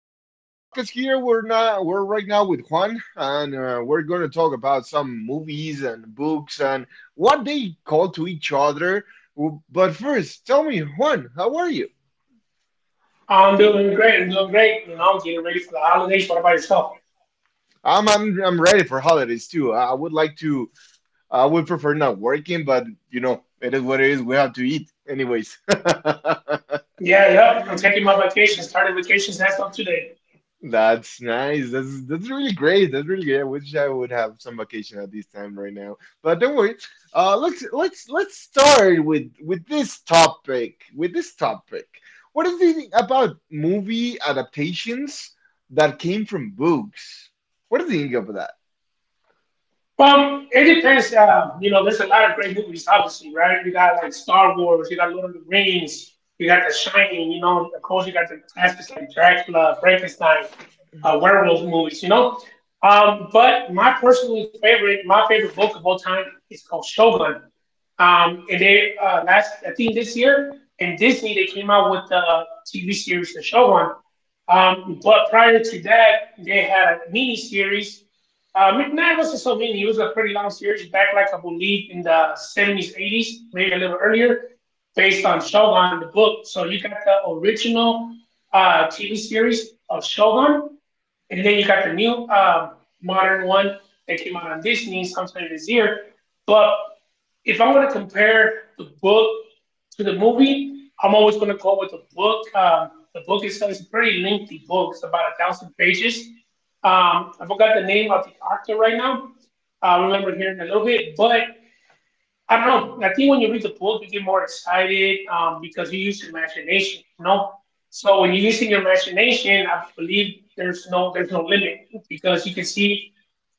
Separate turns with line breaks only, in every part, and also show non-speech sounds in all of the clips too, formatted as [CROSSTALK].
another podcast here. We're not we're right now with Juan and we're going to talk about some movies and books and what they call to each other. But first, tell me, Juan, how are you?
I'm doing great. I'm doing great. You know, I'm getting ready for the holidays. What about yourself?
I'm ready for holidays too. I would prefer not working, but you know, it is what it is. We have to eat anyways. [LAUGHS]
Yeah, yep. I'm taking my vacation. Started vacation as of today.
That's nice. That's really great. That's really great. I wish I would have some vacation at this time right now. But don't worry. Let's start with this topic. With this topic, what do you think about movie adaptations that came from books? What do you think of that?
It depends. You know, there's a lot of great movies, obviously, right? You got like Star Wars, you got Lord of the Rings, you got The Shining, you know, of course, you got the classics like Dracula, Frankenstein, werewolf movies, you know. But my personally favorite, my favorite book of all time is called Shogun. And they last, I think this year, in Disney, they came out with the TV series The Shogun. But prior to that, they had a mini series McNabb was a Slovene. He was a pretty long series back, like I believe, in the 70s, 80s, maybe a little earlier, based on Shogun, the book. So you got the original TV series of Shogun, and then you got the new modern one that came out on Disney sometime this year. But if I were to compare the book to the movie, I'm always going to go with the book. The book itself is a pretty lengthy book. It's about a thousand pages. I forgot the name of the author right now. I remember hearing a little bit, but I don't know. I think when you read the book, you get more excited because you use your imagination. You know, so when you're using your imagination, I believe there's no limit because you can see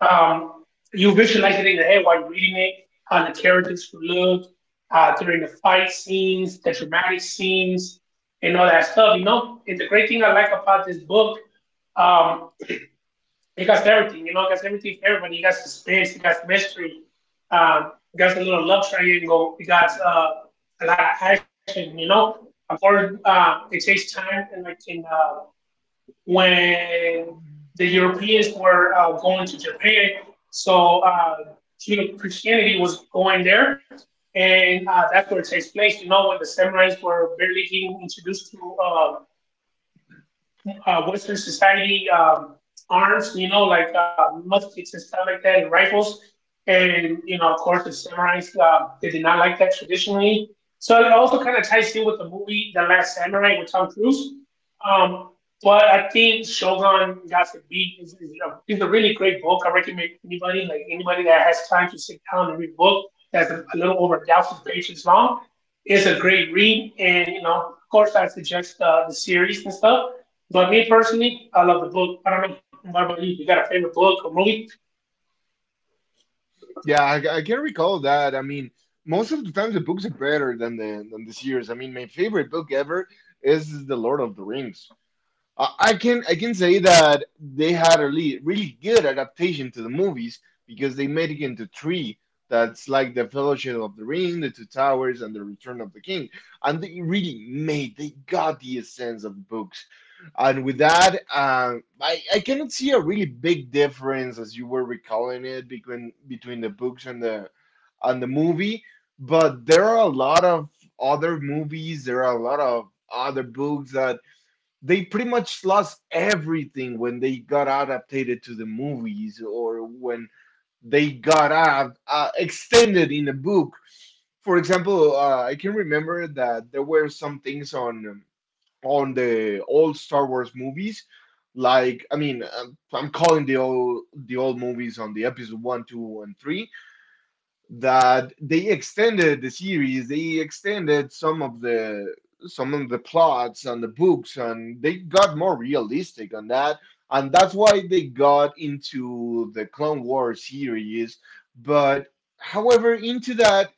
um, you visualize it in your head while you're reading it, how the characters would look during the fight scenes, the dramatic scenes, and all that stuff. You know, and the great thing I like about this book um. He got everything, you know, he got everything for everybody. He got suspense, he got mystery, he got a little love triangle, he got a lot of action, you know. Of course, it takes time, and like in when the Europeans were going to Japan, so uh, you know Christianity was going there, and that's where it takes place, you know, when the samurais were barely getting introduced to. um, Western society, arms, you know, like muskets and stuff like that, and rifles. And, you know, of course, the samurais, they did not like that traditionally. So it also kind of ties in with the movie The Last Samurai with Tom Cruise. Um, but I think Shogun Got to Beat is a really great book. I recommend anybody, like anybody that has time to sit down and read a book that's a little over a thousand pages long. It's a great read. And, you know, of course, I suggest the series and stuff. But me personally, I love the book. I don't know what about you. You got a favorite book or movie?
Yeah, I can recall that. I mean, most of the times the books are better than the series. I mean, my favorite book ever is The Lord of the Rings. I can say that they had a really, really good adaptation to the movies because they made it into three. That's like the Fellowship of the Ring, the Two Towers, and the Return of the King. And they really made they got the essence of the books. And with that, I cannot see a really big difference, as you were recalling it, between the books and the movie. But there are a lot of other movies. There are a lot of other books that they pretty much lost everything when they got adapted to the movies, or when they got extended in a book. For example, I can remember that there were some things on, on the old Star Wars movies. Like, I mean, I'm calling the old, the old movies on the episode one, two, and three, that they extended some of the, some of the plots and the books, and they got more realistic on that, and that's why they got into the Clone Wars series. But however, into that,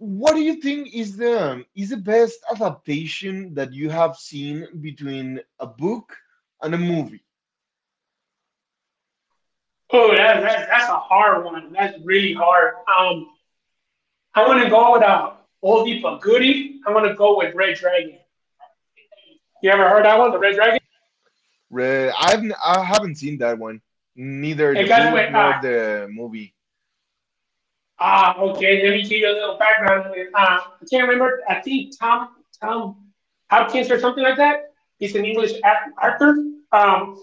what do you think is the best adaptation that you have seen between a book and a movie?
Oh, that's a hard one. That's really hard. Um, I want to go with oldie but goodie. I want to go with Red Dragon. You ever heard that one, the Red Dragon?
I haven't seen that one, neither the
It got
book
with
nor the movie.
okay. Let me give you a little background on it. I can't remember. I think Tom Hopkins or something like that. He's an English actor. Um,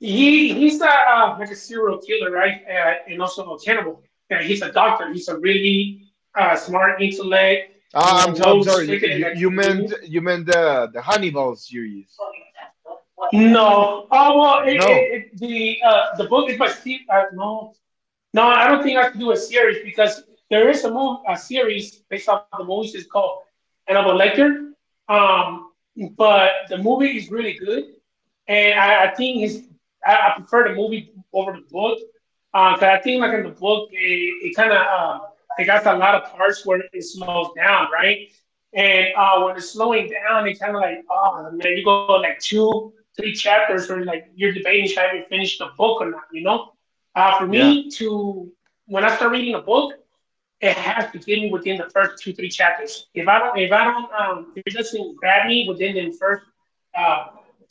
He he's a like a serial killer, right? And also a cannibal. And he's a doctor. He's a really smart intellect,
Ah, I'm
well
sorry.
respected in
You
that
you meant,
community.
you meant, the Hannibal series?
No. Oh well, it,
No.
it, it the book is by Steve. No, no, I don't think I can do a series because there is a movie, a series based off the movies. It's called Hannibal Lecter. Um, but the movie is really good. And I think it's, I prefer the movie over the book because I think like in the book, it kind of it got a lot of parts where it slows down, right? And when it's slowing down, it kind of like oh man, you go like two, three chapters where like you're debating should I even finish the book or not, you know? For
Yeah.
me to When I start reading a book, it has to get me within the first two, three chapters. If I don't, if I don't, If it doesn't grab me within the first uh,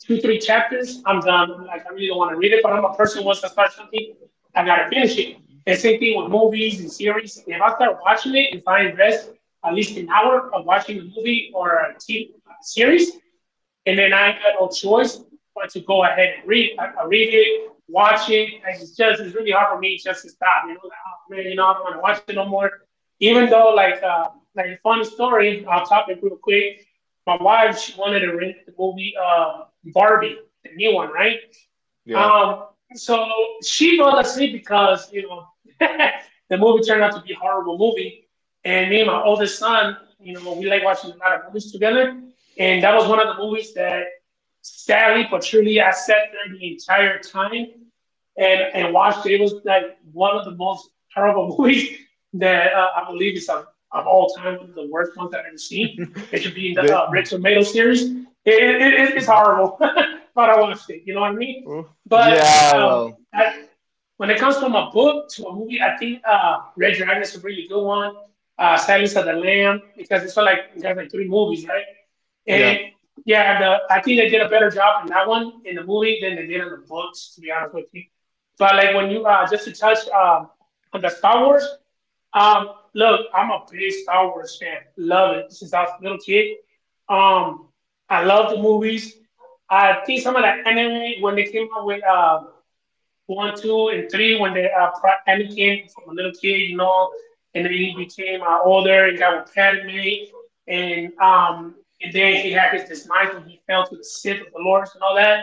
two, three chapters, I'm done. Like, I really don't want to read it, but I'm a person who wants to start something, I gotta finish it. And same thing with movies and series. If I start watching it, if I invest at least an hour of watching a movie or a T V series, and then I got no choice but to go ahead and read. I read it, watch it. It's just it's really hard for me just to stop. You know, like, oh man, you know, I don't want to watch it no more. Even though like a fun story, I'll top it real quick my wife she wanted to rent the movie Barbie, the new one, right?
Yeah.
Um, so she fell asleep because you know [LAUGHS] the movie turned out to be a horrible movie, and me and my oldest son, you know, we like watching a lot of movies together, and that was one of the movies that sadly but truly I sat there the entire time and watched it. It was like one of the most terrible [LAUGHS] movies that I believe is of all time, one of the worst ones I've ever seen. It should be
[LAUGHS]
in the
the
Red Tomato series. It, it's horrible, [LAUGHS] but I watched it. You know what I mean?
Oh,
But
yeah.
um,
Well.
I, when it comes from a book to a movie, I think Red Dragon is a really good one. Silence of the Lamb, because it's like there's like three movies, right? And
Yeah.
yeah, the I think they did a better job in that one in the movie than they did in the books, to be honest with you. But like when you just to touch on the Star Wars, look, I'm a big Star Wars fan. Love it since I was a little kid. Um I love the movies. I think some of the anime when they came out with one, two, and three when they Anakin from a little kid, you know, and then he became older and got with Padme, and um, and then he had his demise when he fell to the Sith of the Lords and all that.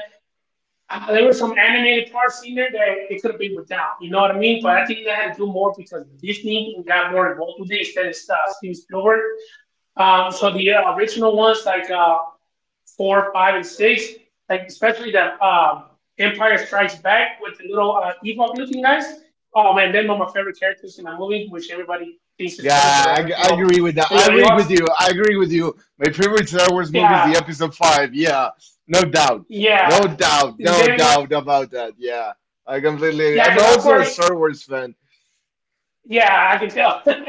There were some animated parts in there that it could have been without, you know what I mean? But I think they had to do more because Disney got more involved with it instead of Steven Spielberg. So the original ones like four, five, and six, like especially the Empire Strikes Back with the little Ewok looking guys. Oh man, they're one of my favorite characters in the movie, which everybody thinks is
Yeah.
funny because I
I, g-
like
I agree with that.
the
I
little
agree
Ewoks.
with you. I agree with you. My favorite Star Wars movie is the
Yeah,
Episode Five. Yeah. No doubt. No
yeah.
doubt.
And
No
then what?
doubt about that. Yeah. I completely.
Yeah,
I'm
because I'm
also a
already.
Star Wars fan.
Yeah, I can tell. [LAUGHS]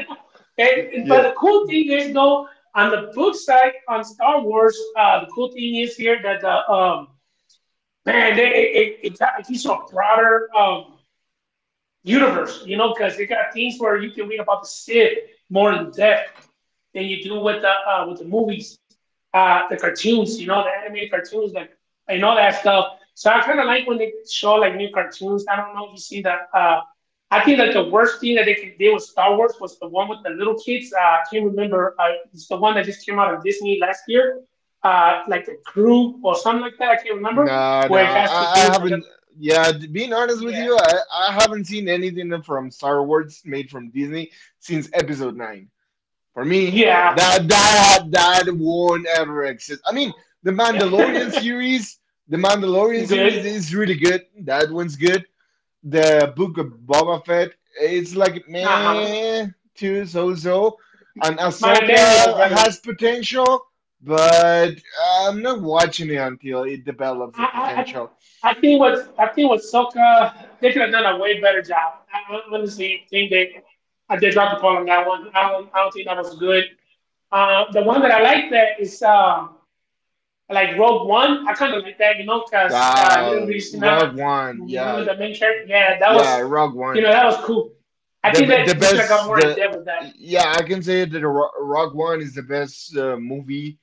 and but
Yeah.
the cool thing is though, on the book side on Star Wars, the cool thing is here that the man, they, it, got- he's a broader universe, you know, because they got things where you can read about the Sith more in depth than you do with the movies, the cartoons, you know, the animated cartoons, like and all that stuff. So I kind of like when they show like new cartoons. I don't know if you see that. I think that the worst thing that they could do with Star Wars was the one with the little kids. I can't remember. It's the one that just came out of Disney last year, like the crew or something like that. I can't remember
No,
where
no,
it has to
I
do with the little.
haven't. Yeah, to being honest with
Yeah,
you, I haven't seen anything from Star Wars made from Disney since Episode Nine. For me, that won't ever exist. I mean, the Mandalorian
yeah,
series, the
[LAUGHS]
Mandalorian
good.
series is really good. That one's good. The book of Boba Fett, it's like
Uh-huh.
meh, to so so. And
Mandalorian was
Ahsoka
better.
has potential, but I'm not watching it until it develops
I,
the
I, I
potential.
I think what Soka they could have done a way better job. Honestly think they I did not call on that one. I don't think that was good. The one that I like that is like Rogue One. I kind of like that, you know, because you didn't really see
Rogue One,
none of
yeah,
the main character. Yeah, that
yeah,
was
Rogue
you
One.
know that was cool. I think that
The
they should have got
best
more
the
in depth with that.
Yeah, I can say that Rogue One is the best movie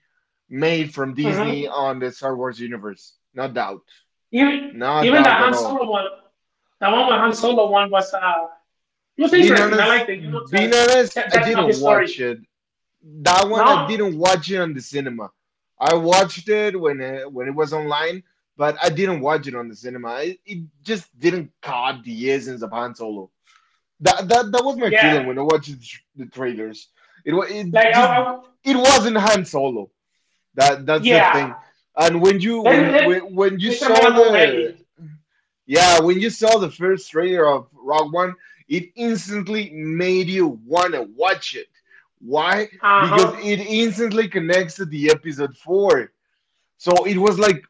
made from Disney
hmm
on the Star Wars universe. No doubt,
Even
no
even the
doubt at
Han
all.
Solo one, the one with Han Solo one was. It was
Being
interesting. I liked
honest,
it. You know,
being
because
honest,
that,
I
that's not
didn't
his story.
watch it. That one, I
No?
didn't watch it on the cinema. I watched it when it was online, but I didn't watch it on the cinema. It just didn't caught the essence of Han Solo. That was my
Yeah.
feeling when I watched the trailers. It wa- it
Like,
just
I, I,
it wasn't Han Solo. That's the
yeah.
thing. And
Then, then,
when you
they should
saw
more
the
manly.
yeah, when you saw the first trailer of Rogue One, it instantly made you want to watch it. Why?
Uh
Because
huh.
it instantly connects to the episode four. So it was like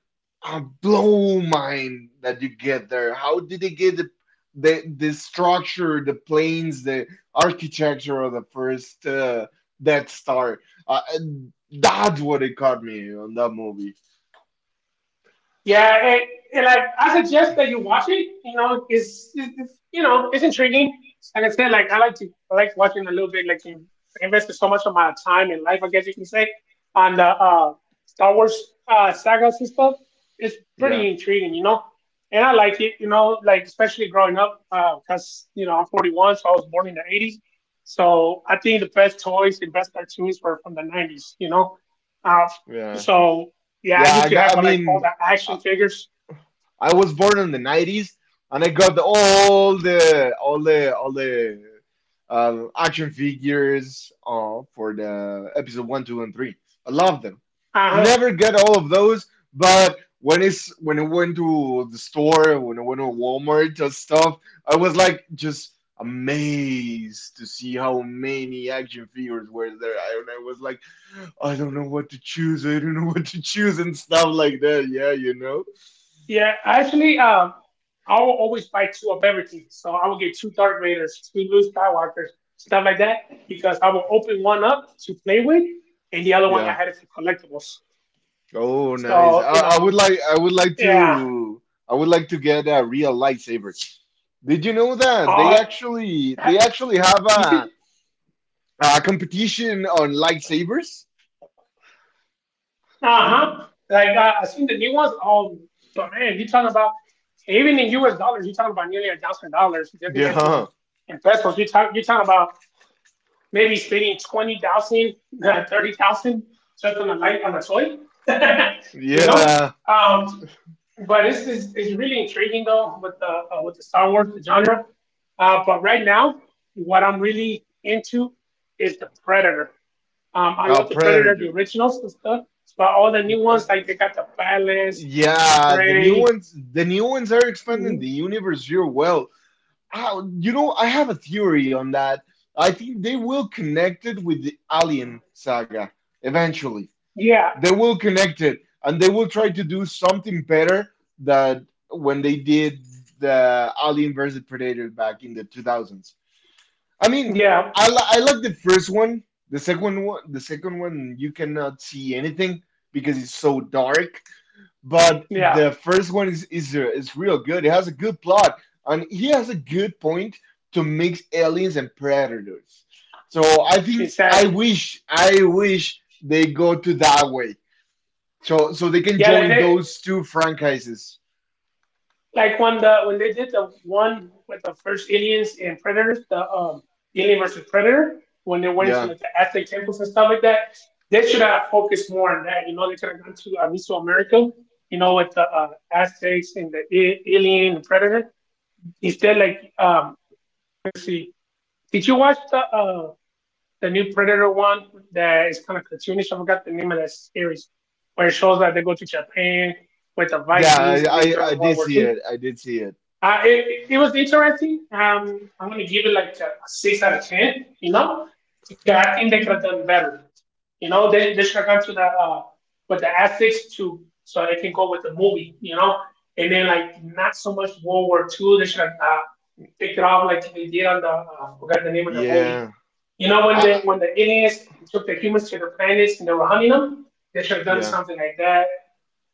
a blow mind that you get there. How did they get the, the structure, the planes, the architecture of the first Death Star? And that's what it caught me on that movie.
Yeah, like I suggest that you watch it. You know, it's it's intriguing. Like I said, I like watching a little bit. I invested so much of my time and life, I guess you can say, on the Star Wars sagas and stuff. It's
Yeah,
pretty intriguing, you know. And I like it, you know, like especially growing up, because you know I'm 41, so I was born in the 80s. So I think the best toys and best cartoons were from the 90s, you know. Uh,
yeah,
so yeah, I
yeah.
used to have
I
like all the
mean.
action figures.
I was born in the 90s, and I got all the, all the action figures for the episode one, two, and three. I love them.
Uh huh.
Never get all of those, but when I went to the store, when I went to Walmart and stuff, I was like just amazed to see how many action figures were there. I, and I was like, I don't know what to choose. I don't know what to choose and stuff like that. Yeah, you know.
Yeah, actually, I will always buy two of everything. So I will get two Darth Vaders, two Luke Skywalkers, stuff like that, because I will open one up to play with, and the other one I
Yeah.
had it for collectibles.
Oh, nice.
So you know, yeah.
I would like to get a real lightsaber. Did you know that they
Uh,
actually
ha-
they actually have
you
a
see,
a competition on lightsabers?
uh huh. Like I seen the new ones. Oh, but man, you are talking about even in U.S. dollars, you're talking about nearly $1,000. Just imagine
Yeah.
in pesos, you're talking about maybe spending 20,000, 30,000 [LAUGHS] just on a light, on a toy, [LAUGHS] you know?
Yeah.
Um, but this is it's really intriguing though with the Star Wars genre. But right now, what I'm really into is the Predator. I
A
love the Predator, the
Predator.
originals and stuff, but all the new
Uh,
ones like they got the Balance,
Yeah, the new
Prey.
ones the new ones are expanding the
Mhm.
universe real well. Ah, you know, I have a theory on that. I think they will connect it with the Alien saga eventually.
Yeah,
They will connect it, and they will try to do something better than when they did the Alien versus Predator back in the 2000s. I mean,
yeah,
I like the first one. The second one, you cannot see anything because it's so dark. But
yeah,
the first one is real good. It has a good plot, and he has a good point to mix aliens and predators. So I think I
exactly.
wish I wish they go to that way, so they can
Yeah, like
join
they.
those two franchises.
Like when the when they did the one with the first aliens and predators, the alien versus predator, when they went to
Yeah.
like the Aztec temples and stuff like that, they should have focused more on that. You know, they could have gone to Mesoamerica. You know, with the Aztecs and the alien and predator. Instead, let's see, did you watch the new Predator one that is kind of cartoonish? I forgot the name of that series, where it shows that they go to Japan with the
Yeah, I,
Vikings and then
I, I
during World
did
War
see
Two.
it. I did see it.
It was interesting. I'm going to give it like a 6 out of 10, you know, because I think they could have done better. You know, they should have gone to the, with the ethics too, so it can go with the movie, you know, and then like not so much World War Two. They should have picked it off like they did on the, I forgot the name of the movie.
Yeah.
You know,
I, I-
when the aliens took the humans to the planets and they were hunting them, they should have done
yeah.
something like that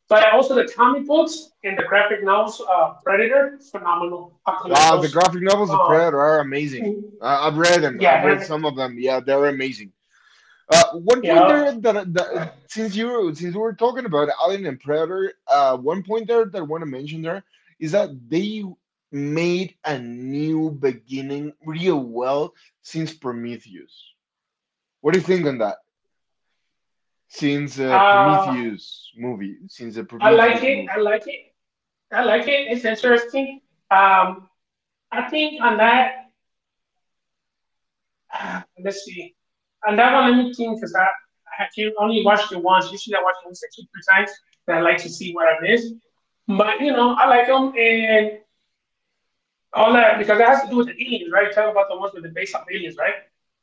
but also the comic books and the graphic novels, Predator, phenomenal. I could like
The
those.
graphic novels of
Um,
Predator are amazing. I've read them. I've read
yeah,
some of them. Yeah, they're amazing. One point
yeah.
there, that, that since we were talking about Alien and Predator, one point there that I want to mention there is that they made a new beginning real well since Prometheus. What do you think on that? since uh,
Uh,
Prometheus movie, since the
I like
Prometheus
it.
movie.
I like it. I like it. It's interesting. Um, I think on that, [SIGHS] let's see. On that one, let me think because I can only watched it once. Usually I watch movies like 2, 3 times. And I like to see what I missed. But, you know, I like them and all that because that has to do with the aliens, right? Talk about the ones that are based on aliens, right?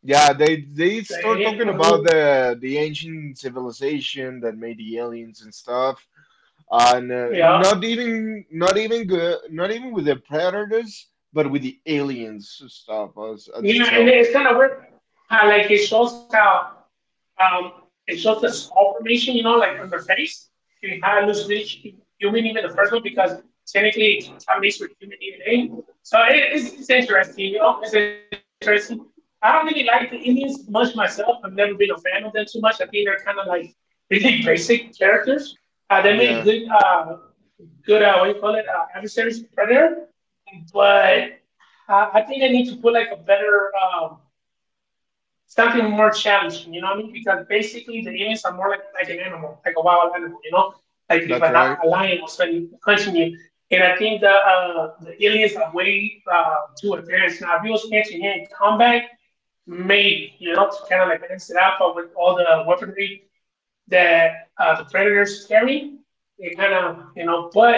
Yeah, they
The
start
alien.
talking about
Mhm.
the ancient civilization that made the aliens and stuff, and
Yeah.
not even, not even good, not even with the predators, but with the aliens stuff as
Yeah, and
itself.
it's kind of weird how like it shows how it shows the skull formation, you know, like on the face. It how it looks really human even the first one because technically it contaminates with human DNA. So it's interesting, you know, it's interesting. I don't really like the Indians much myself. I've never been a fan of them too much. I think they're kind of like really basic characters. They made good,
Yeah,
good, what do you call it, adversaries, predator. But uh, I think I need to put like a better, something more challenging, you know what I mean? Because basically the aliens are more like an animal, like a wild animal, you know? Like if
that's
a,
right.
not- a lion was hunting you. And I think the aliens are way too advanced. Now, if you was catching him in combat, made, you know, to kind of like mix it up with all the weaponry that the predators carry. They kind of, you know, put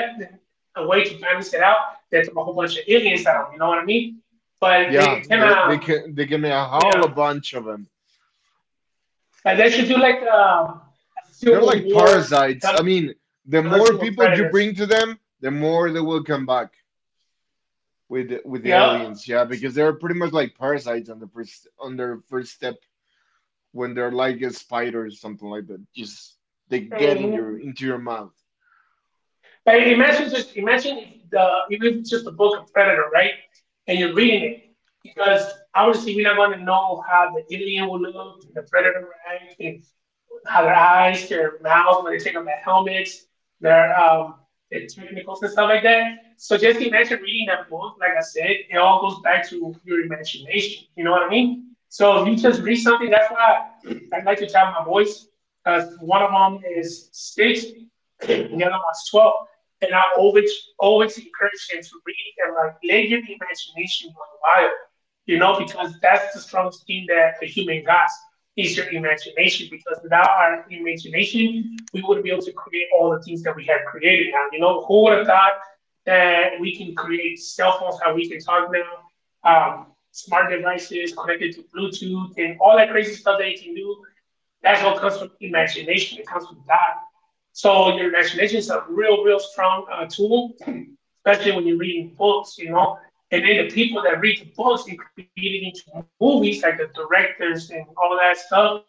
a way to balance it out, they took a whole bunch of aliens out, you know what I mean? But
Yeah,
it kind
they they
of,
can they give me a
you
whole
know,
bunch of them.
like they should do like a
They're
Civil
like
War
parasites.
kind
I
of
mean,
version with
the
predators.
more people you bring to them, the more they will come back. with with
Yeah.
the aliens, yeah, because they're pretty much like parasites on their first step, when they're like a spider or something like that. Just they get in your into your mouth.
Like imagine just imagine if the even if it's just a book of Predator, right? And you're reading it because obviously we're not going to know how the alien will look, the Predator, right? And how their eyes, their mouths, when they take off their helmets, their um, their technicals and stuff like that. So just imagine reading that book. Like I said, it all goes back to your imagination. You know what I mean? So if you just read something, that's why I like to tap my voice because one of them is 6, and the other one's 12, and I always always encourage them to read and like let your imagination run wild. You know, because that's the strongest thing that a human got is your imagination because without our imagination, we wouldn't be able to create all the things that we have created now. You know, who would have thought that we can create cell phones, how we can talk now, smart devices connected to Bluetooth and all that crazy stuff that you can do. That's what comes from imagination. It comes from that. So your imagination is a real, real strong tool, especially when you're reading books, you know. And then the people that read the books and create it into movies, like the directors and all that stuff,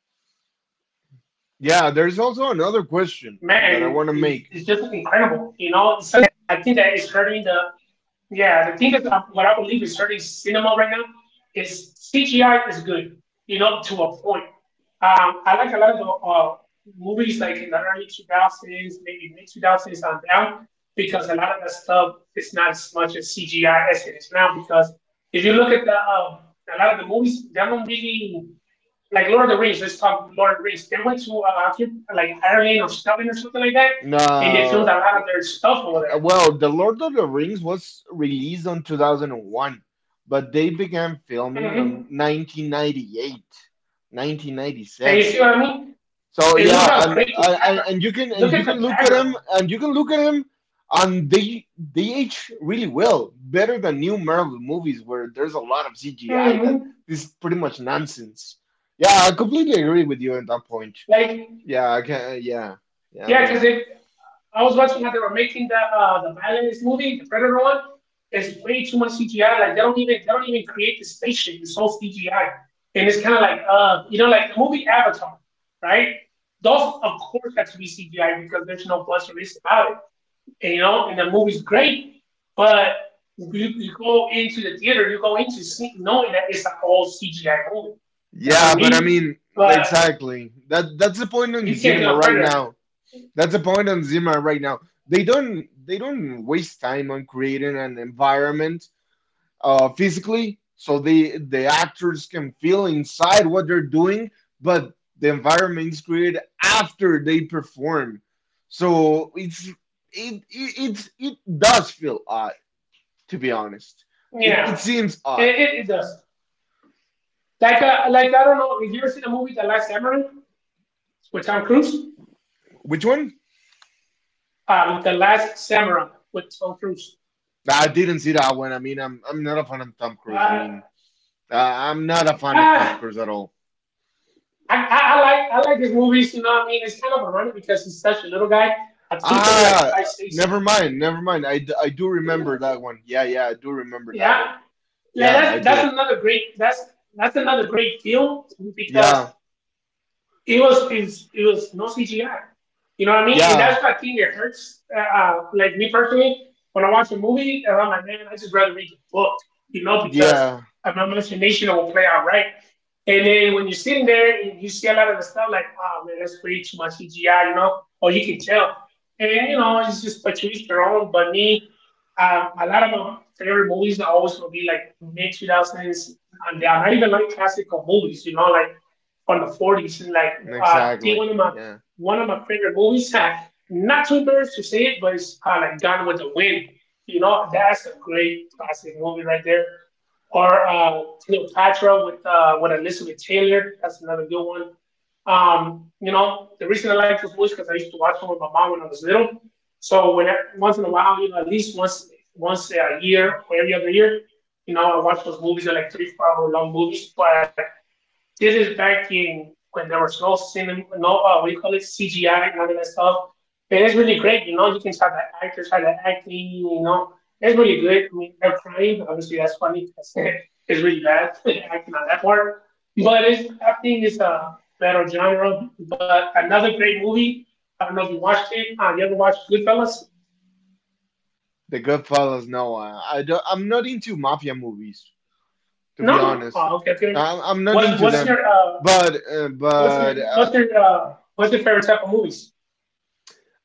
man, is just
Yeah, there's
incredible. You
also
know,
another
some of the
question
things that
that I want to
I think
make.
that is hurting the yeah, the thing that what I believe is hurting cinema right now is CGI is good, you know, to a point. I like a lot of the uh, movies like in the early 2000s, maybe mid 2000s on down, because a lot of the stuff is not as much as CGI as it is now. Because if you look at the a lot of the movies, they don't really like Lord of the Rings. Let's talk Lord of the Rings. They went to like Ireland or Scotland or something like that, and they filmed a lot of
Now,
their stuff over
well, The Lord of the Rings was released on 2001, but they began
there.
filming
Hmm.
on 1998, nineteen ninety
And you
seven.
see what I mean?
So
And look
yeah,
how
and
great the
and
background.
and you can and
Look
you
at
can
the
look at
background.
him, and they age really well, better than new Marvel movies where there's a lot of CGI that
Hmm.
is pretty much nonsense. Yeah, I completely agree with you on
Like,
that point. Yeah, I can.
yeah,
Yeah,
because it.
yeah. I mean,
I was watching how they were making the Violence movie, the Predator one. There's way too much CGI. Like they don't even create the spaceship. It's all CGI, and it's kind of like you know like the movie Avatar, right? Those of course have to be CGI because there's no plus or least about it. And you know, and the movie's great, but you go into the theater, you go into see, knowing that it's an all CGI movie. You know what I
yeah, but I
mean?
mean,
But
exactly. That's the point on
you can't do
cinema
a
right
Predator.
now. That's the point on cinema right now. They don't waste time on creating an environment, physically, so the actors can feel inside what they're doing, but the environment is created after they perform. So it's it it it's, it does feel odd, to be honest. It
Yeah,
seems odd.
it does. Like I don't know. Have you ever seen the movie The Last Samurai with Tom Cruise?
Which one?
With The Last Samurai with Tom Cruise.
Nah, I didn't see that one. I mean, I'm not a fan of Tom Cruise. I
Uh,
mean, I'm not a fan of Tom
ah,
Cruise at all.
I like his movies. You know what I mean? It's kind of ironic because he's such a little guy. I think he's only like
Ah,
5'6".
never mind, never mind. I do remember that one. Yeah, yeah, I do remember that one.
Yeah, like
Yeah, I
that's
do.
another great that's another great film because
Yeah.
it's, it was no CGI. You know what I mean? And
Yeah,
that's the thing that hurts. Like me personally, when I watch a movie, and I'm like, man, I just rather read the book, you know, because
yeah,
my imagination will play out right. And then when you're sitting there and you see a lot of the stuff, like, oh man, that's way too much CGI, you know, or you can tell. And you know, it's just but to each their own. But me, a lot of my favorite movies are always gonna be like mid 2000s, and they are not even like classical movies, you know, like on the 40s and like uh
exactly.
one of my
Yeah,
one of my favorite movies [LAUGHS] not too embarrassed to say it, but it's like Gone with the Wind. You know, that's a great classic movie right there. Or Cleopatra with Elizabeth Taylor, that's another good one. The reason I like those movies because I used to watch them with my mom when I was little. So when I, once in a while, you know, at least once a year or every other year, you know, I watch those movies. They're like three, 4 hour long movies, but this is back in when there was no cinema, no what do you call it, CGI and all that stuff. And it's really great, you know. You can try the actors, try the acting, you know. It's really good. I mean, they're crying. Obviously, that's funny because [LAUGHS] it's really bad [LAUGHS] acting on that part. But it's, I think it's a better genre. But another great movie. I don't know if you watched it. You ever watched Goodfellas?
The Goodfellas. No, I don't, I'm not into mafia movies, to be
No.
honest.
Oh, okay, okay.
I'm not
What's
into
what's
them,
your
but uh,
what's your
but uh,
what's your uh what's your favorite type of movies?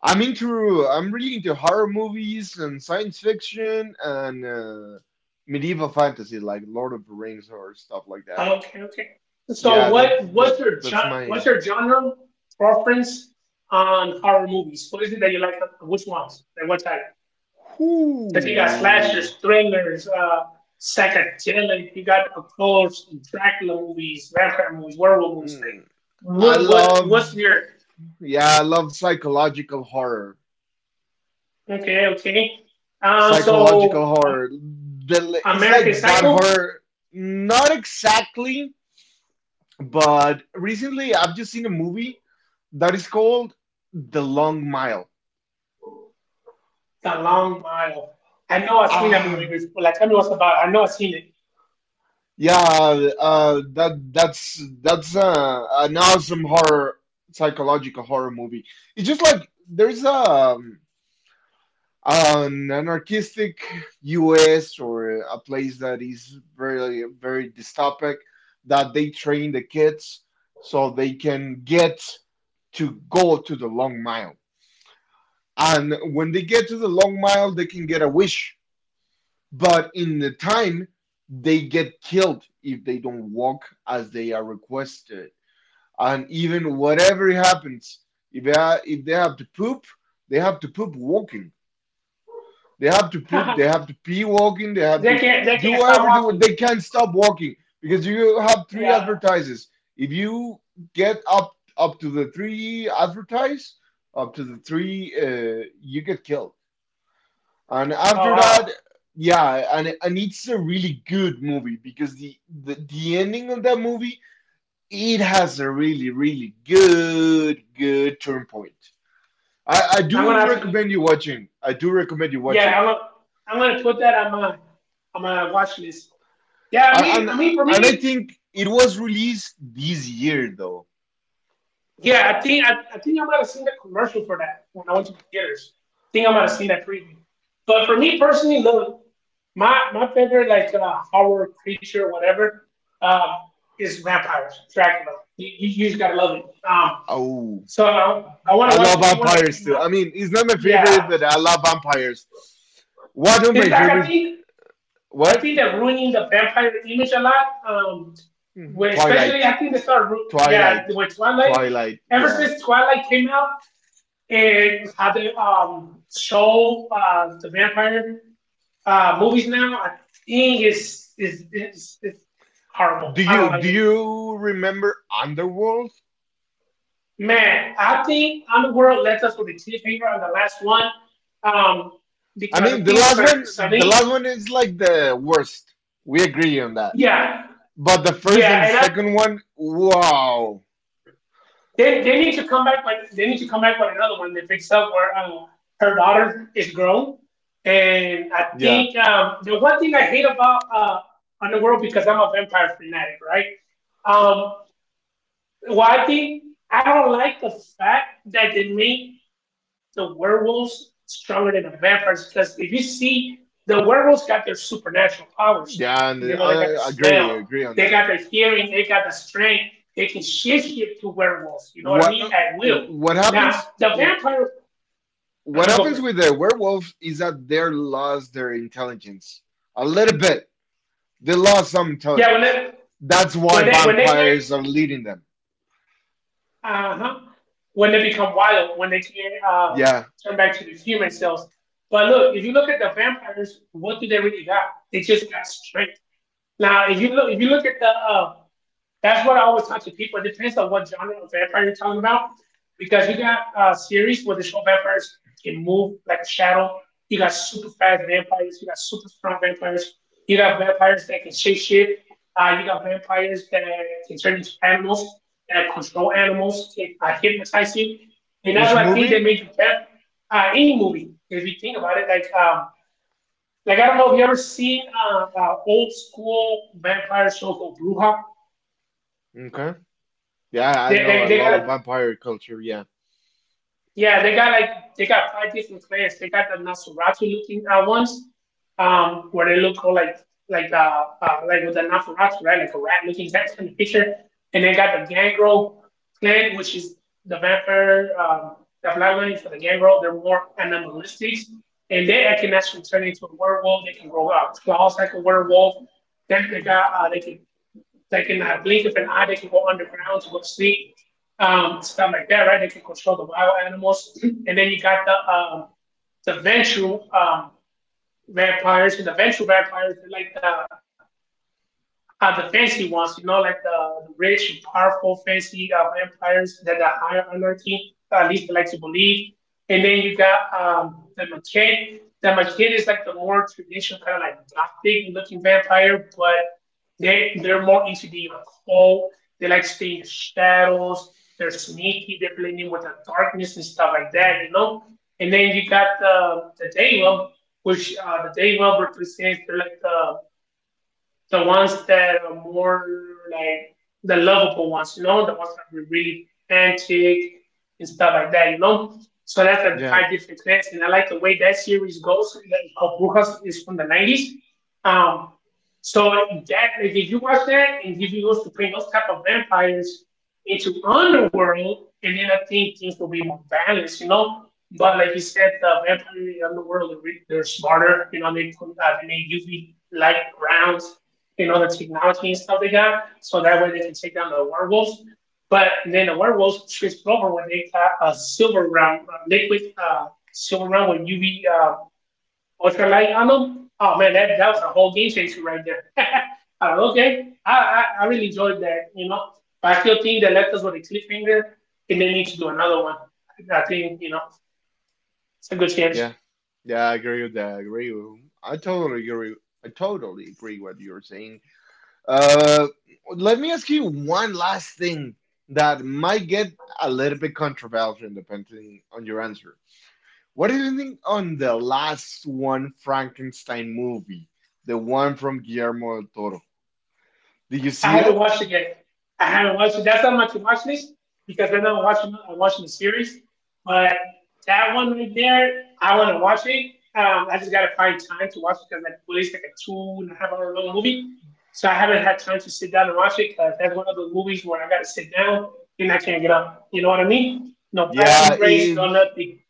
I'm really into horror movies and science fiction, and medieval fantasy, like Lord of the Rings or stuff like that.
Okay, okay. So
Yeah, that that that's
what's
my.
your genre preference on horror movies? What is it that you like? Which ones? Like what type? Because you got
Whoo.
slashers, thrillers, psychedelic. You got of course Dracula movies, vampire movies, werewolf movies.
Mm,
Like
I love.
what's your
Yeah, I love psychological horror.
okay, okay? Um,
Psychological
so um,
horror. It's
American
like that
Psycho,
horror, not exactly, but recently I've just seen a movie that is called The Long Mile.
The Long Mile. I know I've seen that movie
Ah,
before. Like tell me what's about. I know I've seen it.
yeah, that's an awesome horror, psychological horror movie. It's just like there's a an anarchistic US, or a place that is very, very dystopic, that they train the kids so they can get to go to the long mile. And when they get to the long mile, they can get a wish. But in the time, they get killed if they don't walk as they are requested. And even whatever happens, if they, if they have to poop, they have to poop walking. They have to
[LAUGHS] They
poop. They have to pee walking. They have to
can't
do
stop
everything.
walking.
They can't stop walking because you have three
Yeah.
advertises. If you get up to the three advertise, up to the three, you get killed. And
Oh
after that,
wow.
yeah, and it's a really good movie because the ending of that movie it has a really good turn point. I
I'm gonna
do
have to.
recommend you watching. I do recommend you watch it.
Yeah, I'm gonna. I'm gonna put that on my watch list. Yeah,
I- and
for
and I
me,
think it was released this year though.
yeah, I think I might have seen the commercial for that when I went to the theaters. I think I might have seen that preview. But for me personally, look, my favorite like horror creature, whatever, um, is vampires, Dracula. You just gotta love it. Um,
Oh,
so I want
I
to watch
love
the new one that
vampires
came
too.
out.
I mean, it's not my
Yeah,
favorite, but I love vampires. One of my
it's like
favorite
I
what?
think they're ruining the vampire image a lot. Where
Twilight.
especially I think they yeah,
Twilight.
with Twilight.
Twilight.
Ever
Yeah.
since Twilight came out and how they show the vampire movies now, I think is horrible.
Do
I
you
don't like
do
it.
you remember Underworld?
Man, I think Underworld left us with a cliffhanger on the last one. Um,
I
because I
mean,
think Sir
the
Sunny,
last one is like the worst. We agree on that.
yeah,
But the first and
yeah,
the
and I.
second one, wow.
They need to come back with they need to come back with another one. They picks up where her daughter is grown, and I
Yeah.
think the one thing I hate about Underworld because I'm a vampire fanatic, right? Um, One thing I don't like the fact that they made the werewolves stronger than the vampires because if you see the werewolves got their supernatural powers. You know, they
Yeah,
got the
and I
smell,
I agree,
they got
agree
the
on that.
hearing, they got the strength, they can shift it to werewolves, you know what I mean?
What
At will.
what
Now the
happens
vampire I'm gonna
what
go for it.
happens with the werewolves is that they lost their intelligence a little bit. They lost some
Yeah,
intelligence. That's why
when they can't.
vampires are leading them.
Uh huh. When they become wild, when they can't
Yeah.
turn back to the human cells. But look, if you look at the vampires, what do they really got? They just got strength. Now, if you look at the that's what I always talk to people. It depends on what genre of vampire you're talking about. Because you got series where the show vampires can move like a shadow. You got super fast vampires. You got super strong vampires. You got vampires that can shape shit. You got vampires that can turn into animals, that control animals, can hypnotize you. And that's
Which
what I think they
movie?
made the vamp in movie. If you think about it, like I don't know if you ever seen old school vampire show called Bruja.
Okay, yeah, I know a
They got
lot of
like
vampire culture. Yeah,
They got five different clans. They got the Nosferatu looking ones, where they look all like like with the Nosferatu, right? Like a rat looking [LAUGHS] cat in the picture. And they got the Gangrel clan, which is the vampire, the bloodline for the Gangrel. They're more animalistic, and they can actually turn into a werewolf. They can grow out claws like a werewolf. Then they got they can blink of an eye. They can go underground to go to sleep, stuff like that, right? They can control the wild animals. [CLEARS THROAT] And then you got the ventral vampires. And the ventral vampires, they're like the fancy ones, you know, like the rich, and powerful, fancy vampires that are higher hierarchy. At least they like to believe. And then you got the mechanic. The mechanic is like the more traditional kind of like gothic looking vampire, but they're more into the like, cold. They like to stay in the shadows. They're sneaky. They're playing with the darkness and stuff like that, you know. And then you got the Deva, which the Deva represents they're like the ones that are more like the lovable ones, you know, the ones that are really romantic and stuff like that, you know. So that's the
yeah,
five different clans, and I like the way that series goes. It's called Brujas is from the 90s. Um, so that like, if you watch that and if you go to bring those type of vampires into underworld, and then I think things will be more balanced, you know. But like you said, the vampire in the underworld they are really, they're smarter, you know. They put they make UV light rounds you know, the technology and stuff they got, so that way they can take down the werewolves. But then the werewolves switched over when they got a silver round, a liquid silver round with UV ultralight on them. Oh man, that, that was a whole game changer right there. [LAUGHS] I okay, I really enjoyed that, you know. But I still think they left us with a cliffhanger and they need to do another one. I think, you know, it's a good chance.
yeah, yeah, I agree with that. I totally agree with what you're saying. Uh, let me ask you one last thing that might get a little bit controversial depending on your answer. What do you think on the last one Frankenstein movie, the one from Guillermo del Toro? Did you
I
see it?
haven't watched it yet. I haven't watched it. That's on my to watch list because right now I'm watching the series. But that one right there, I want to watch it. I just gotta find time to watch it because like well, it's like a two and a half hour long movie, so I haven't had time to sit down and watch it because that's one of the movies where I gotta sit down and I can't get up. You know what I mean? No
Yeah,
bathroom breaks, no nothing.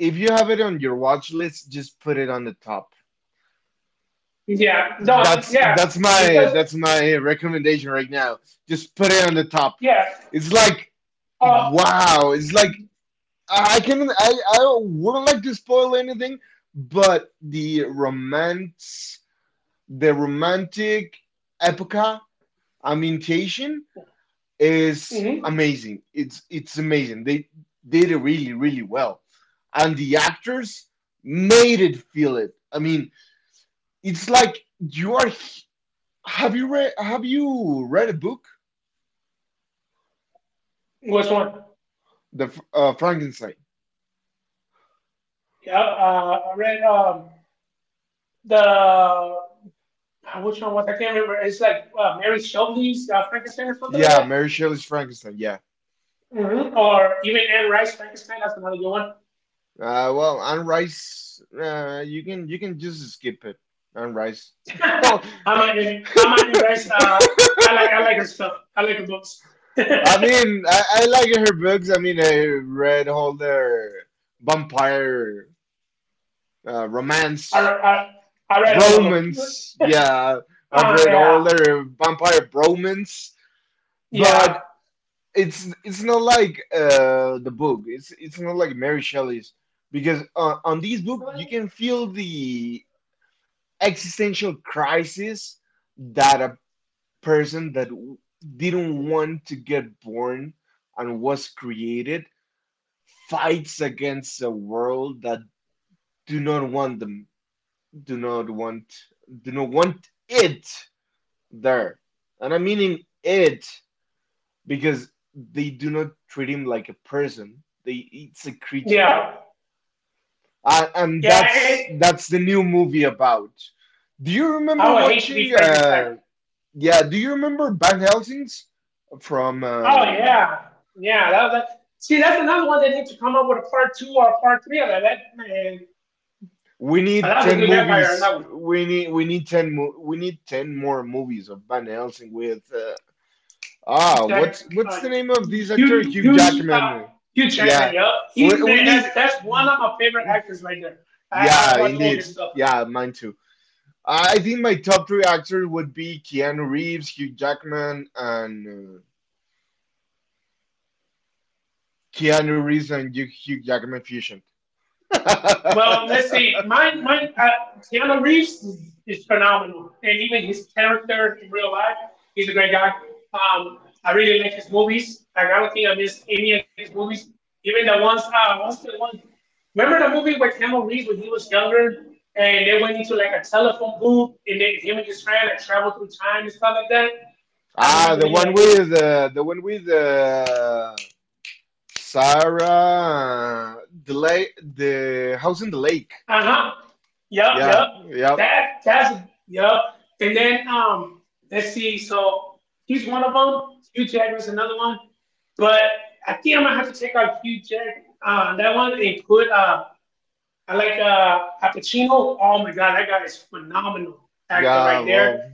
if you have it on your watch list, just put it on the top.
Yeah, no,
That's
yeah.
that's
It's
my
just
that's my recommendation right now. Just put it on the top.
yeah.
It's like
Uh,
wow, it's like I wouldn't like to spoil anything, but the romantic epoca ambientation is
mm-hmm.
amazing. It's amazing. They did it really, really well. And the actors made it feel it. I mean, it's like have you read a book?
Which one?
The Frankenstein.
Yeah, I read the which one was I can't remember. It's like Mary Shelley's Frankenstein or something like
Yeah,
that,
Mary Shelley's Frankenstein. Yeah.
hmm or even Anne Rice Frankenstein. That's another good one.
Well, on rice, you can just skip it on rice.
[LAUGHS]
[LAUGHS] Oh,
I'm I'm a Anne
[LAUGHS]
Rice. I like her stuff. I like her books. [LAUGHS]
I mean, I like her books. I mean, I read all their vampire romance,
I I read all of them.
bromance. Yeah, I've read all
Yeah,
their vampire bromance,
yeah,
but it's not like the book. It's not like Mary Shelley's because on these book you can feel the existential crisis that a person that didn't want to get born and was created, fights against a world that do not want them do not want do not want it there. And I mean in it, because they do not treat him like a person. They it's a creature.
yeah,
And
yeah.
that's
It,
that's the new movie about. Do you remember
I would hate to
watching
be Frankenstein.
yeah, do you remember Van Helsing's from
Oh yeah, yeah. That, that, see, that's another one they need to come up with a part two or a part three of that. That man,
we
but
need
that was a
10
good vampire. On
movies.
That one.
We need 10 more movies of Van Helsing with
Jack, uh,
what's the name of this actor?
huge,
Hugh
huge, uh,
Jackman.
huge Jackman.
Yeah.
Yeah,
We,
he's
we
man.
need,
That's one of my favorite actors right there. I
yeah,
watch all his
indeed.
stuff.
Yeah, mine too. I think my top three actors would be Keanu Reeves, Hugh Jackman, and Keanu Reeves and Hugh Jackman fusion. [LAUGHS]
Well, let's see. Mine. Keanu Reeves is phenomenal, and even his character in real life, he's a great guy. I really like his movies. Like, I don't think I missed any of his movies, even the ones. What's the one? Remember the movie where Keanu Reeves, when he was younger, and they went into like a telephone booth, and then him and his friend like traveled through time and stuff like that. I forgot
Ah,
the name of that movie.
the one with Sarah, the house in the lake.
Uh huh. Yep, yep.
Yeah, yep,
That that's yep. And then let's see. So he's one of them. Hugh Jackman's another one. But I think I'm gonna have to take out Hugh Jack that one and put I like Al Pacino. Oh my god, that guy is phenomenal actor
yeah.
right there.
Well,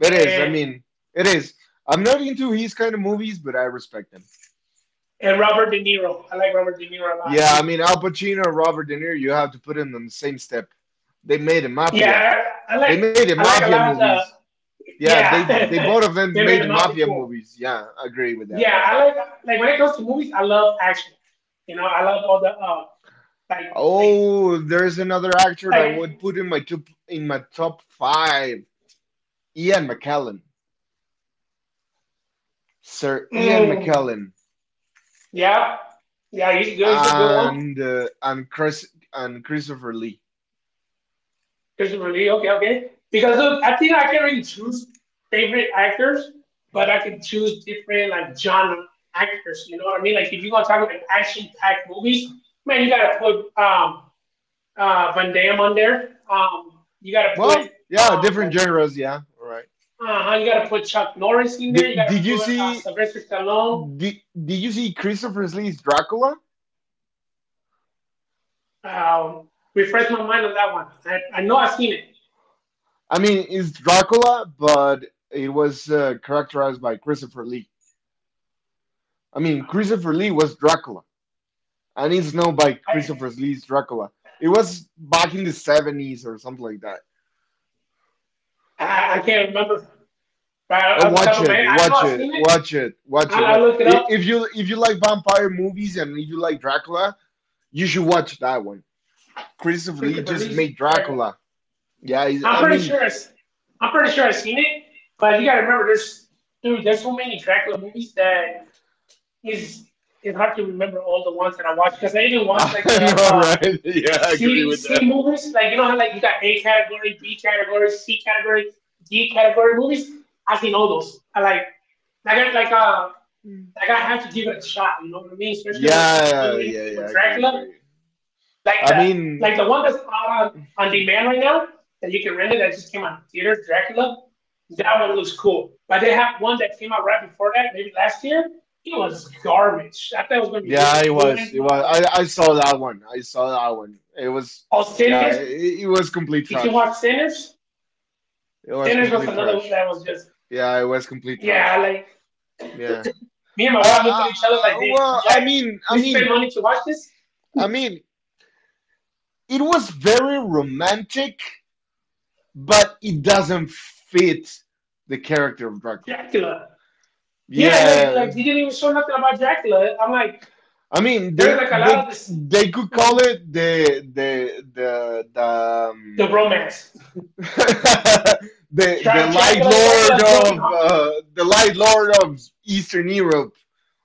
it is. I
And
mean, it is. I'm not into his kind of movies, but I respect him.
Robert De Niro. I like Robert De Niro a lot
Yeah, I
too.
mean, Al Pacino, Robert De Niro, you have to put them on the same step. They made a mafia.
Yeah, I, I like
They made a
I like a
mafia
lot of
movies.
the
Yeah,
yeah.
they both of
[LAUGHS]
them
they made
made
him out pretty
mafia
cool.
movies. Yeah, I agree with that.
Yeah, I like when it comes to movies, I love action. You know, I love all the like like
Oh, there's another actor that I
like
would put in my top five. Ian McKellen, Sir Ian
mm,
McKellen,
yeah, yeah he's good, he's a good one.
and Chris and Christopher Lee.
Christopher Lee, okay, okay, because look, I think I can really choose favorite actors, but I can choose different, like, genre actors, you know what I mean, like if you're gonna talk about action packed movies, man, you gotta put Van Damme on there, you gotta put
Well, yeah, different
um
genres. Yeah, all right.
uh-huh. You got to put Chuck Norris in there. You
Did,
got to
did you
put
see
Sylvester Stallone.
did, did you see Christopher Lee's Dracula?
Um, Refresh my mind on that one. I know I've seen it.
I mean, it's Dracula, but it was characterized by Christopher Lee. I mean, Christopher Lee was Dracula. I Need Snow by
I,
Christopher Lee's Dracula. It was back in the 70s or something like that.
I can't remember right off the top of my head. I know I've seen it.
Watch it.
I look it up.
If you like vampire movies and if you like Dracula, you should watch that one. Christopher Lee
Christopher
just
Lee's
made
Drago.
Dracula. Yeah, he's,
I'm
I
pretty
mean,
sure. Am pretty sure I've seen it. But you got to remember, there's, dude, there's so many Dracula movies that is, it's hard to remember all the ones that I watched, because I even
[LAUGHS]
watched like
I
the
know,
uh,
right? [LAUGHS] yeah, I agree
C
with
C
that.
movies. Like, you know how like you got A category, B category, C category, D category movies. I've seen all those. I like I got like I have to give it a shot. You know what I mean? Especially when it comes to
Yeah,
do
yeah, yeah,
anything
I
with
agree, agree.
Dracula. Like the
I
like the
mean,
one that's out on demand right now, that you can rent, it that just came out in theaters, Dracula. That one looks cool. But they have one that came out right before that, maybe last year. It was garbage. I thought it was going to
yeah,
be good.
it was,
We
it was.
went
I saw that one. I saw that one. It was,
all
yeah,
Sinners.
it was
Did you
complete
watch
trash.
Sinners?
It
Sinners
was
was another
complete
one that was
trash.
just,
Yeah, it was complete
yeah.
trash.
Like,
Yeah.
me and my wife looked at
Uh,
each other, like they,
well,
like, we spent money to watch this
I mean, it was very romantic, but it doesn't fit the character of Dracula.
Dracula. Yeah, like
Yeah.
like you didn't even show nothing about Dracula. I'm like,
I mean,
there's
they
like a lot
they
of this.
they could call
Mhm.
it the the the the
The
um,
romance.
[LAUGHS]
Dracula, Dracula's broken heart.
the light lord of Eastern Europe,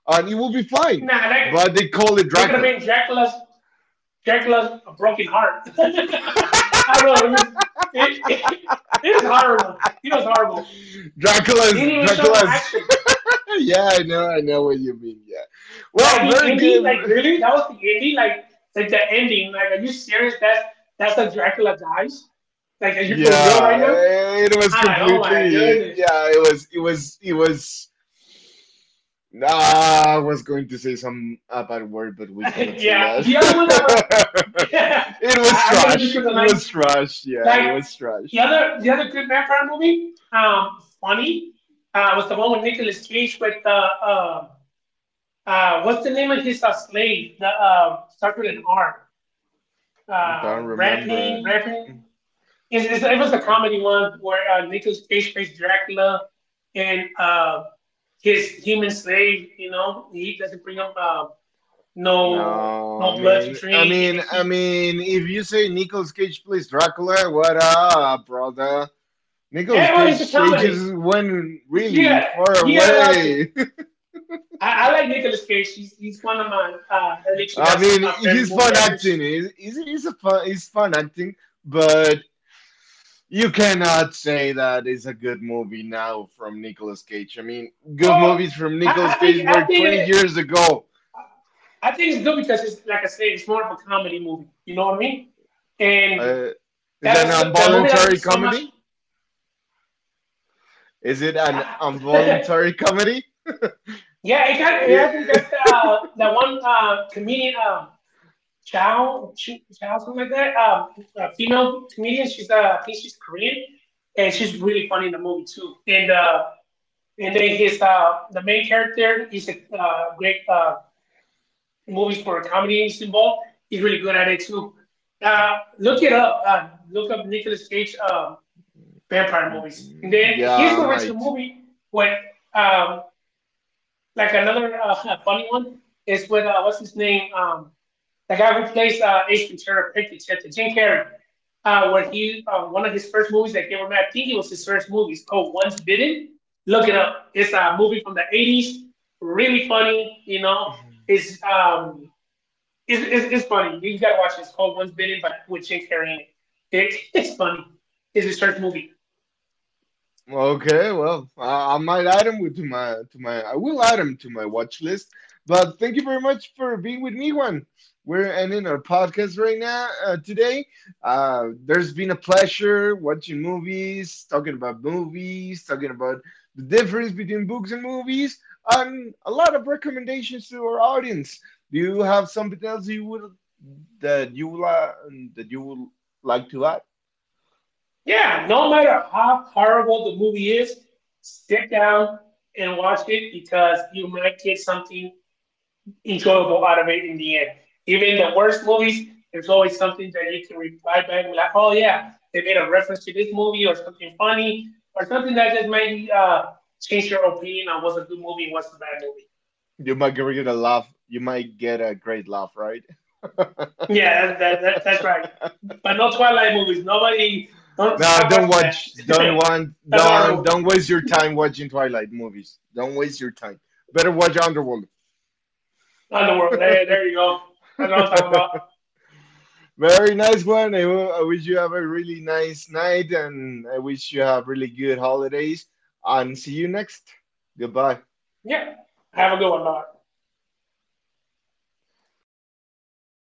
and it will be fine.
Nah, that,
But they call it
they could have
Dracula.
made Dracula's, Dracula's a broken heart. [LAUGHS] I don't know. It was, it, it, it was horrible. It was horrible. They
Dracula's
didn't even show no
Dracula's.
action.
[LAUGHS] yeah, I know what you mean. Yeah.
Like
Well,
the
very
ending, like
good.
really, that was the ending. Like the ending. Like, are you serious? That's how Dracula dies. Like, are you for real
Yeah,
right now?
it was
I'm like, oh my
completely.
goodness.
Yeah, it was. It was. It was. Ah, I was going to say some a bad word, but we
[LAUGHS]
cannot say
Yeah,
that.
the other one that was,
[LAUGHS] it
[LAUGHS]
was
I, I can
trash.
remember the
It
nice,
was trash. Yeah,
like
it was
the
trash.
other good vampire movie, funny, was the one with Nicolas Cage with what's the name of his slave? The starts with an R.
Don't remember it.
Ramping. It was a comedy one where Nicolas Cage plays Dracula, and his human slave, you know, he doesn't bring him
No,
no blood to drink, and then
I
he.
mean, if you say Nicolas Cage plays Dracula, what up, brother? Nicolas
Anyway, it's a
Cage
comedy.
ages went
You
really
got
far
you gotta watch it.
away. [LAUGHS]
I like Nicolas Cage. He's one of my early
I
2000
mean,
favorite
he's
movie
fun acting.
actors.
He's fun acting, but you cannot say that it's a good movie now from Nicolas Cage. I mean, good
Oh,
movies from Nicolas Cage
I
were
think
20 years ago.
I think it's good because, it's like I said, it's more of a comedy movie. You know what I mean? And
Uh, is it an
the movie doesn't
involuntary
so much.
comedy? Is it an
Yeah, [LAUGHS]
involuntary comedy?
yeah. It actually got the, that one comedian, Chow, Chow, something like that. A female comedian. She's I think she's Korean, and she's really funny in the movie too. And and then his the main character is a great movie for comedy is involved. He's really good at it too. Look it up. Look up Nicolas Cage vampire movies. And
[LAUGHS]
then here's
yeah, I
the original
might.
movie when um, like another [LAUGHS] funny one is with what's his name, the guy who plays Ace Ventura Pet Detective, Jim Carrey, where he one of his first movies that came out, I think it was his first movie, it's called Once Bitten. Look it up. It's a movie from the '80s. Really funny, you know. It's um, it's funny. You gotta watch it. It's called Once Bitten, but with Jim Carrey in it. It [LAUGHS] it's funny. It's his first movie.
Okay, well, I might add him with- to my I will add him to my watch list. But thank you very much for being with me, Juan. We're ending our podcast right now today. There's been a pleasure watching movies, talking about the difference between books and movies, and a lot of recommendations to our audience. Do you have something else you would that you would, uh, that you would like to add?
Yeah, no matter how horrible the movie is, sit down and watch it because you might get something enjoyable out of it in the end. Even the worst movies, there's always something that you can reply back and be like, oh yeah, they made a reference to this movie, or something funny or something that just made you change your opinion on what's a good movie, what's a bad movie.
You might get a laugh. You might get a great laugh, right?
Yeah, that's right. But no Twilight movies. Nobody, don't
No,
stop
don't
watching that.
watch. Don't
[LAUGHS]
want.
That's
Don't
horrible.
don't waste your time watching Twilight movies. Don't waste your time. Better watch Underworld. [LAUGHS]
Not in the world. There you go. That's what I'm talking about.
Very nice one. I wish you have a really nice night, and I wish you have really good holidays. And see you next. Goodbye.
Yeah. Have a good one, Bob.